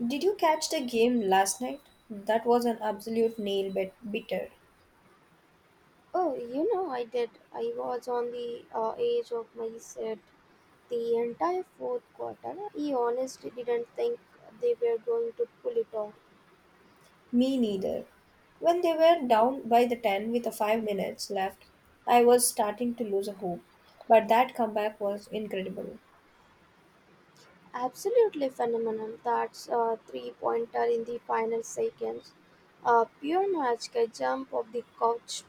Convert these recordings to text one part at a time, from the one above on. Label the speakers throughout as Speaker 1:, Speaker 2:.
Speaker 1: Did you catch the game last night? That was an absolute bitter.
Speaker 2: Oh, you know, I did. I was on the edge of my seat the entire fourth quarter. I honestly didn't think they were going to pull it off.
Speaker 1: Me neither. When they were down by the 10 with a 5 minutes left, I was starting to lose a hope. But that comeback was incredible.
Speaker 2: Absolutely phenomenal. That's a three pointer in the final seconds. A pure magical jump of the couch.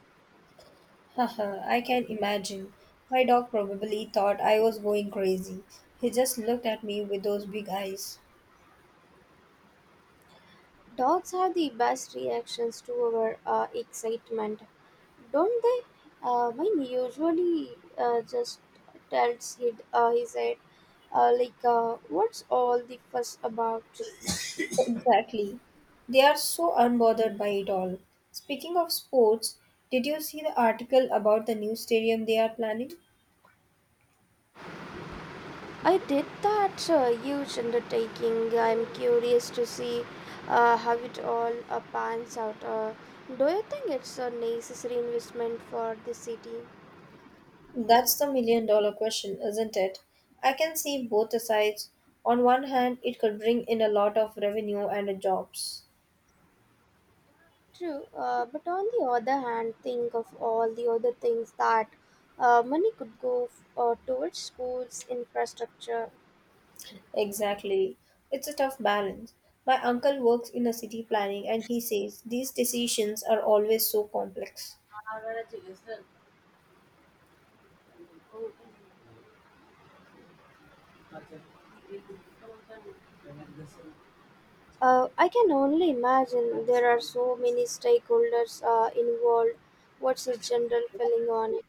Speaker 1: Haha, I can imagine. My dog probably thought I was going crazy. He just looked at me with those big eyes.
Speaker 2: Dogs have the best reactions to our excitement. Don't they? Mine usually just he said, what's all the fuss about?
Speaker 1: Exactly. They are so unbothered by it all. Speaking of sports, did you see the article about the new stadium they are planning?
Speaker 2: I did that huge undertaking. I'm curious to see how it all pans out. Do you think it's a necessary investment for the city?
Speaker 1: That's the million dollar question, isn't it? I can see both the sides. On one hand, it could bring in a lot of revenue and jobs.
Speaker 2: True, but on the other hand, think of all the other things that money could go towards schools, infrastructure.
Speaker 1: Exactly. It's a tough balance. My uncle works in a city planning and he says these decisions are always so complex.
Speaker 2: I can only imagine there are so many stakeholders involved. What's the general feeling on it?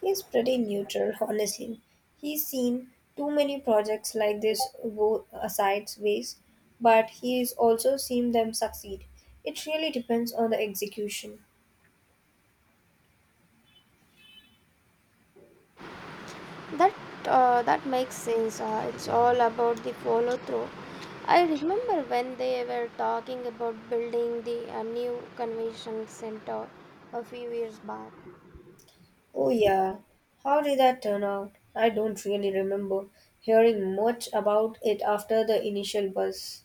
Speaker 1: He's pretty neutral, honestly. He's seen too many projects like this go sideways, but he's also seen them succeed. It really depends on the execution.
Speaker 2: That that makes sense. It's all about the follow through. I remember when they were talking about building the new convention center a few years back.
Speaker 1: Oh, yeah. How did that turn out? I don't really remember hearing much about it after the initial buzz.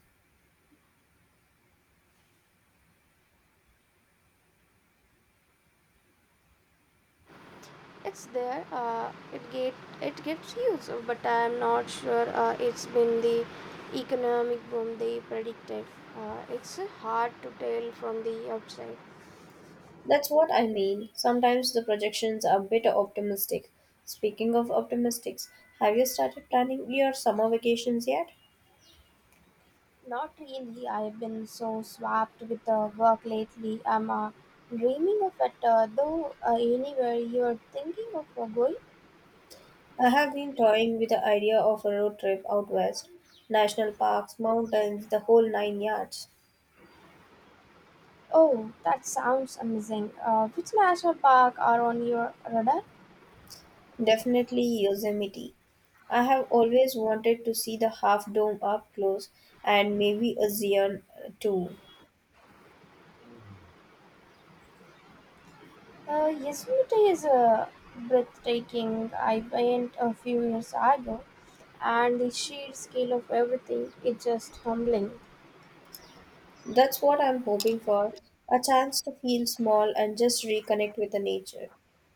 Speaker 2: It's there. It gets used, but I'm not sure it's been the economic boom they predicted. It's hard to tell from the outside.
Speaker 1: That's what I mean. Sometimes the projections are a bit optimistic. Speaking of optimistics, have you started planning your summer vacations yet?
Speaker 2: Not really. I've been so swamped with the work lately. I'm dreaming of it, though. Anywhere you're thinking of going?
Speaker 1: I have been toying with the idea of a road trip out west. National parks, mountains, the whole nine yards.
Speaker 2: Oh, that sounds amazing. Which national park are on your radar?
Speaker 1: Definitely Yosemite. I have always wanted to see the Half Dome up close and maybe a Zion too.
Speaker 2: Yosemite is a breathtaking. I went a few years ago, and the sheer scale of everything is just humbling.
Speaker 1: That's what I'm hoping for a chance to feel small and just reconnect with the nature.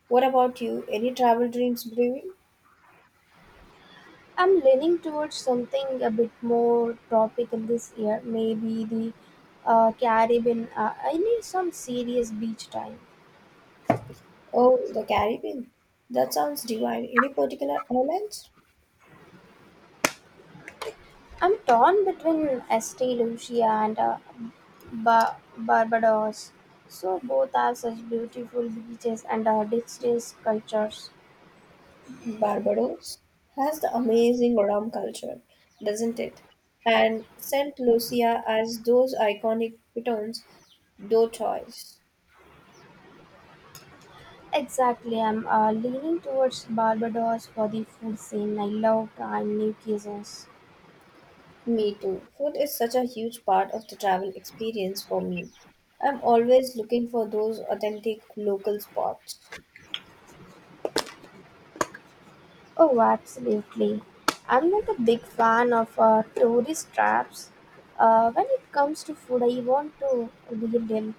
Speaker 1: What about you? Any travel dreams brewing?
Speaker 2: I'm leaning towards something a bit more tropical this year, maybe the Caribbean. I need some serious beach time.
Speaker 1: Oh, the Caribbean. That sounds divine. Any particular islands?
Speaker 2: I'm torn between Estee Lucia and Barbados. So both have such beautiful beaches and distinct cultures.
Speaker 1: Barbados has the amazing rum culture, doesn't it? And St. Lucia has those iconic pitons d'eau choice.
Speaker 2: Exactly, I'm leaning towards Barbados for the food scene. I love trying new cuisines.
Speaker 1: Me too. Food is such a huge part of the travel experience for me. I'm always looking for those authentic local spots.
Speaker 2: Oh, absolutely. I'm not a big fan of tourist traps. When it comes to food, I want to relive them.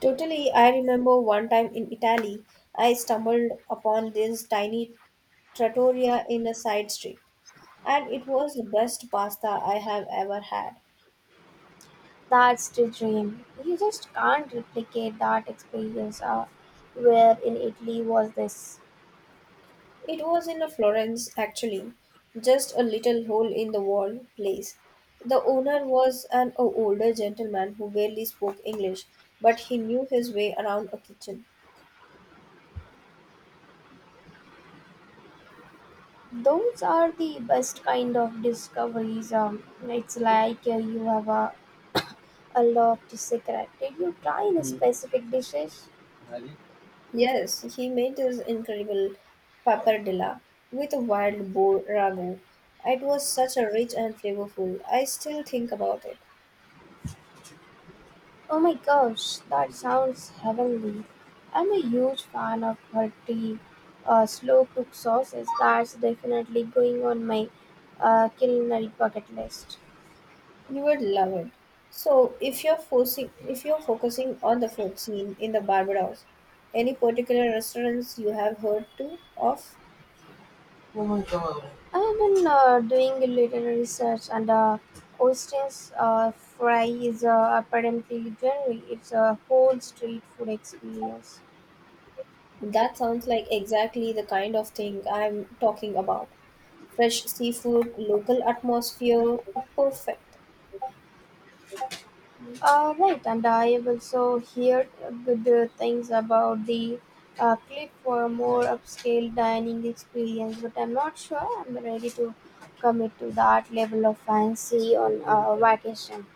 Speaker 1: Totally, I remember one time in Italy, I stumbled upon this tiny trattoria in a side street, and it was the best pasta I have ever had.
Speaker 2: That's the dream. You just can't replicate that experience. Where in Italy was this?
Speaker 1: It was in a Florence, actually, just a little hole in the wall place. The owner was an older gentleman who barely spoke English, but he knew his way around a kitchen.
Speaker 2: Those are the best kind of discoveries. It's like you have a lot to say correct. Did you try any specific dishes?
Speaker 1: Yes, he made his incredible pappardella with a wild boar ragu. It was such a rich and flavorful. I still think about it.
Speaker 2: Oh my gosh, that sounds heavenly. I'm a huge fan of hearty, slow cooked sauces. That's definitely going on my culinary bucket list.
Speaker 1: You would love it. So, if you're focusing on the food scene in the Barbados, any particular restaurants you have heard to of?
Speaker 2: I've been doing a little research, and oysters fry is apparently generally it's a whole street food experience.
Speaker 1: That sounds like exactly the kind of thing I'm talking about. Fresh seafood, local atmosphere, perfect.
Speaker 2: Right, and I have also heard good things about the clip for more upscale dining experience, but I'm not sure I'm ready to commit to that level of fancy on vacation.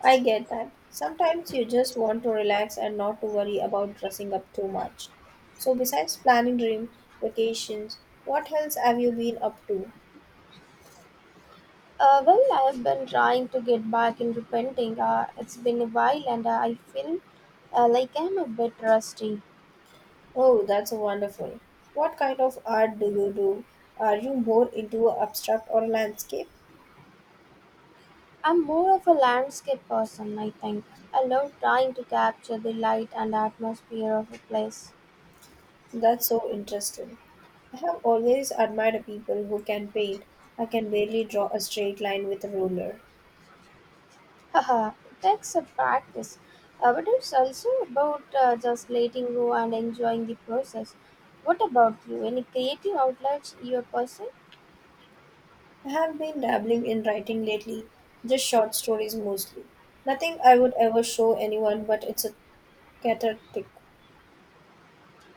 Speaker 1: I get that. Sometimes you just want to relax and not to worry about dressing up too much. So, besides planning dream vacations, what else have you been up to?
Speaker 2: Well, I have been trying to get back into painting. It's been a while, and I feel like I'm a bit rusty.
Speaker 1: Oh, that's wonderful. What kind of art do you do? Are you more into abstract or landscape?
Speaker 2: I'm more of a landscape person, I think. I love trying to capture the light and atmosphere of a place.
Speaker 1: That's so interesting. I have always admired people who can paint. I can barely draw a straight line with a ruler.
Speaker 2: Haha, it takes a practice, but it's also about just letting go and enjoying the process. What about you? Any creative outlets you're pursuing?
Speaker 1: I have been dabbling in writing lately, just short stories mostly. Nothing I would ever show anyone, but it's a cathartic,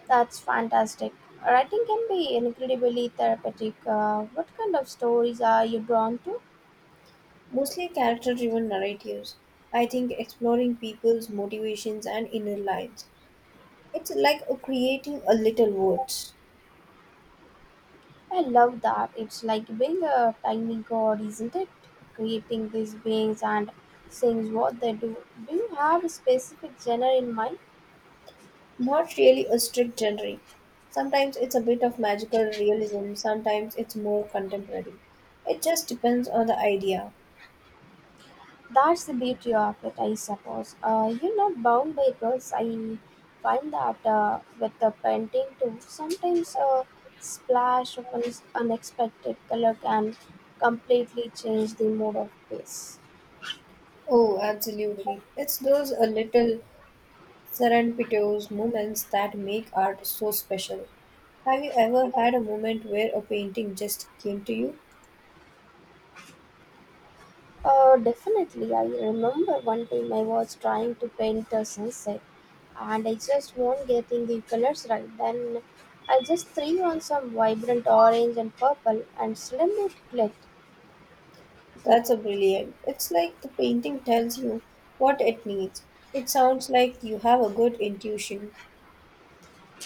Speaker 2: That's fantastic. Writing can be incredibly therapeutic. What kind of stories are you drawn to?
Speaker 1: mostly character driven narratives. I think exploring people's motivations and inner lives. It's like a creating a little world,
Speaker 2: I love that. It's like being a tiny god, isn't it? Creating these beings and seeing what they do. Do you have a specific genre in mind?
Speaker 1: not really a strict genre. Sometimes it's a bit of magical realism, sometimes it's more contemporary. It just depends on the idea.
Speaker 2: That's the beauty of it, I suppose. You're not bound by rules. I find that with the painting too, sometimes a splash of an unexpected color can completely change the mood of place.
Speaker 1: Oh, absolutely. It's those a little serendipitous moments that make art so special. Have you ever had a moment where a painting just came to you?
Speaker 2: Definitely, I remember one time I was trying to paint the sunset and I just won't getting the colors right. Then I just threw on some vibrant orange and purple and suddenly it clicked.
Speaker 1: That's a brilliant. It's like the painting tells you what it needs. It sounds like you have a good intuition.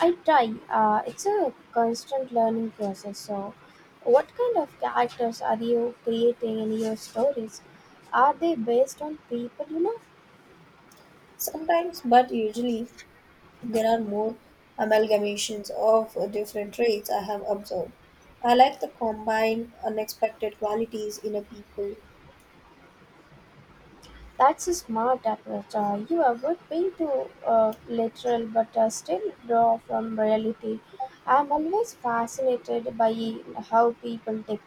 Speaker 2: I try. It's a constant learning process. So, what kind of characters are you creating in your stories? Are they based on people? You know,
Speaker 1: Sometimes, but usually there are more amalgamations of different traits I have observed. I like to combine unexpected qualities in a people.
Speaker 2: that's a smart approach. You avoid being too literal, but still draw from reality. I'm always fascinated by how people take.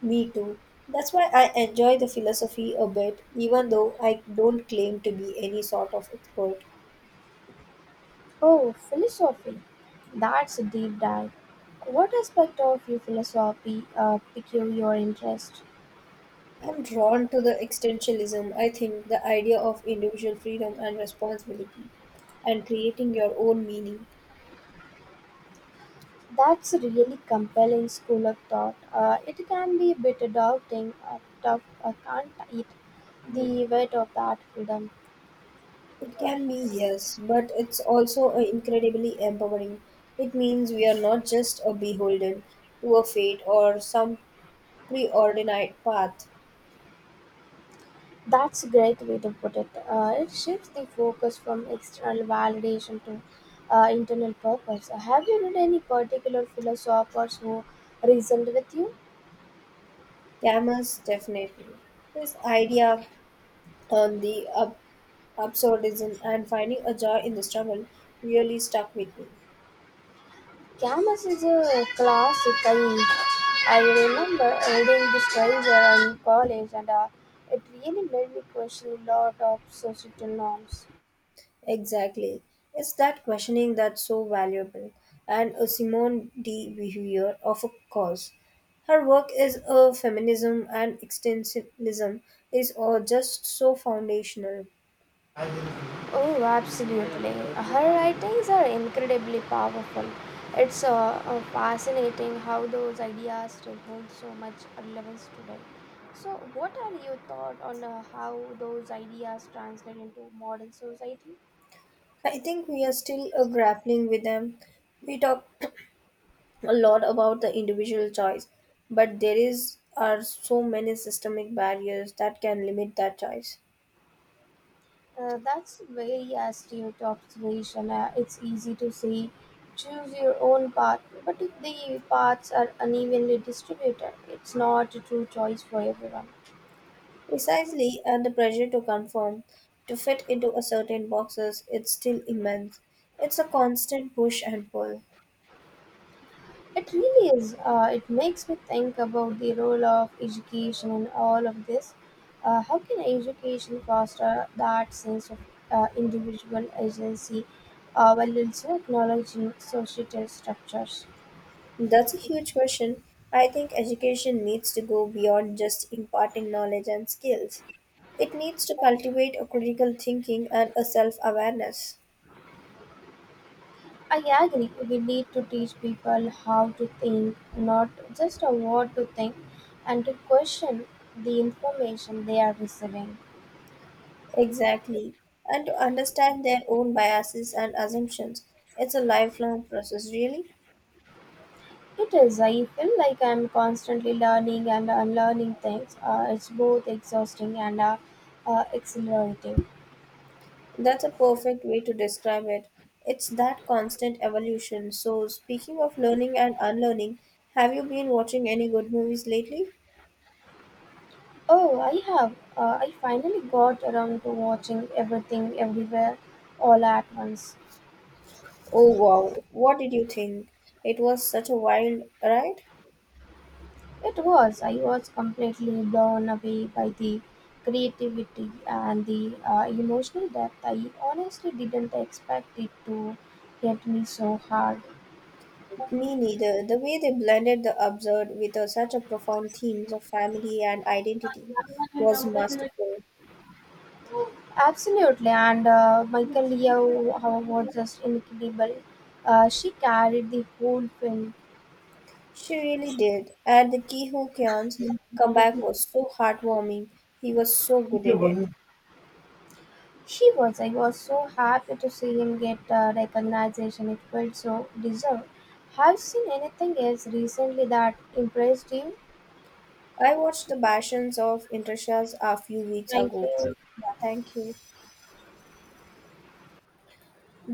Speaker 1: Me too. That's why I enjoy the philosophy a bit, even though I don't claim to be any sort of expert.
Speaker 2: Oh, philosophy. That's a deep dive. What aspect of your philosophy piqued your interest?
Speaker 1: I'm drawn to the existentialism, I think, the idea of individual freedom and responsibility, and creating your own meaning.
Speaker 2: That's a really compelling school of thought. It can be a bit daunting, tough, can't it? The weight of that freedom.
Speaker 1: It can be, yes, but it's also incredibly empowering. It means we are not just a beholden to a fate or some preordained path.
Speaker 2: That's a great way to put it. It shifts the focus from external validation to internal purpose. Have you read any particular philosophers who reasoned with you?
Speaker 1: Camus definitely. His idea on the absurdism and finding a joy in the struggle really stuck with me.
Speaker 2: Camus is a classic. Mean, I remember reading this writer in college, and it really made me question a lot of societal norms.
Speaker 1: Exactly. It's that questioning that's so valuable. And Simone de Beauvoir, of course. Her work is a feminism and extensivism is all just so foundational.
Speaker 2: Oh, absolutely. Her writings are incredibly powerful. It's fascinating how those ideas still hold so much relevance today. So, what are your thoughts on how those ideas translate into modern society?
Speaker 1: I think we are still grappling with them. We talk a lot about the individual choice, but there is are so many systemic barriers that can limit that choice.
Speaker 2: That's a very astute observation. It's easy to say, choose your own path, but if the paths are unevenly distributed, it's not a true choice for everyone.
Speaker 1: Precisely, and the pressure to conform, to fit into a certain boxes, it's still immense. It's a constant push and pull.
Speaker 2: It really is. It makes me think about the role of education in all of this. How can education foster that sense of individual agency while also acknowledging societal structures?
Speaker 1: That's a huge question. I think education needs to go beyond just imparting knowledge and skills. It needs to cultivate a critical thinking and a self awareness.
Speaker 2: I agree, we need to teach people how to think, not just a what to think, and to question the information they are receiving.
Speaker 1: Exactly. And to understand their own biases and assumptions. It's a lifelong process, really.
Speaker 2: It is, I feel like I'm constantly learning and unlearning things. It's both exhausting and exhilarating.
Speaker 1: That's a perfect way to describe it. It's that constant evolution. So, speaking of learning and unlearning, have you been watching any good movies lately?
Speaker 2: Oh, I have. I finally got around to watching everything everywhere all at once.
Speaker 1: Oh, wow. What did you think? It was such a wild ride?
Speaker 2: It was. I was completely blown away by the creativity and the emotional depth. I honestly didn't expect it to hit me so hard.
Speaker 1: Me neither. The way they blended the absurd with a, such a profound themes of family and identity was masterful.
Speaker 2: Absolutely, and Michael Leo how, was just incredible. She carried the whole film.
Speaker 1: She really did. And the Ki Ho Kyan's comeback was so heartwarming. He was so good in it.
Speaker 2: She was. I was so happy to see him get recognition. It felt so deserved. Have you seen anything else recently that impressed you?
Speaker 1: I watched the Bastions of Intershas a few weeks
Speaker 2: Thank
Speaker 1: ago.
Speaker 2: you.
Speaker 1: Yeah, thank you.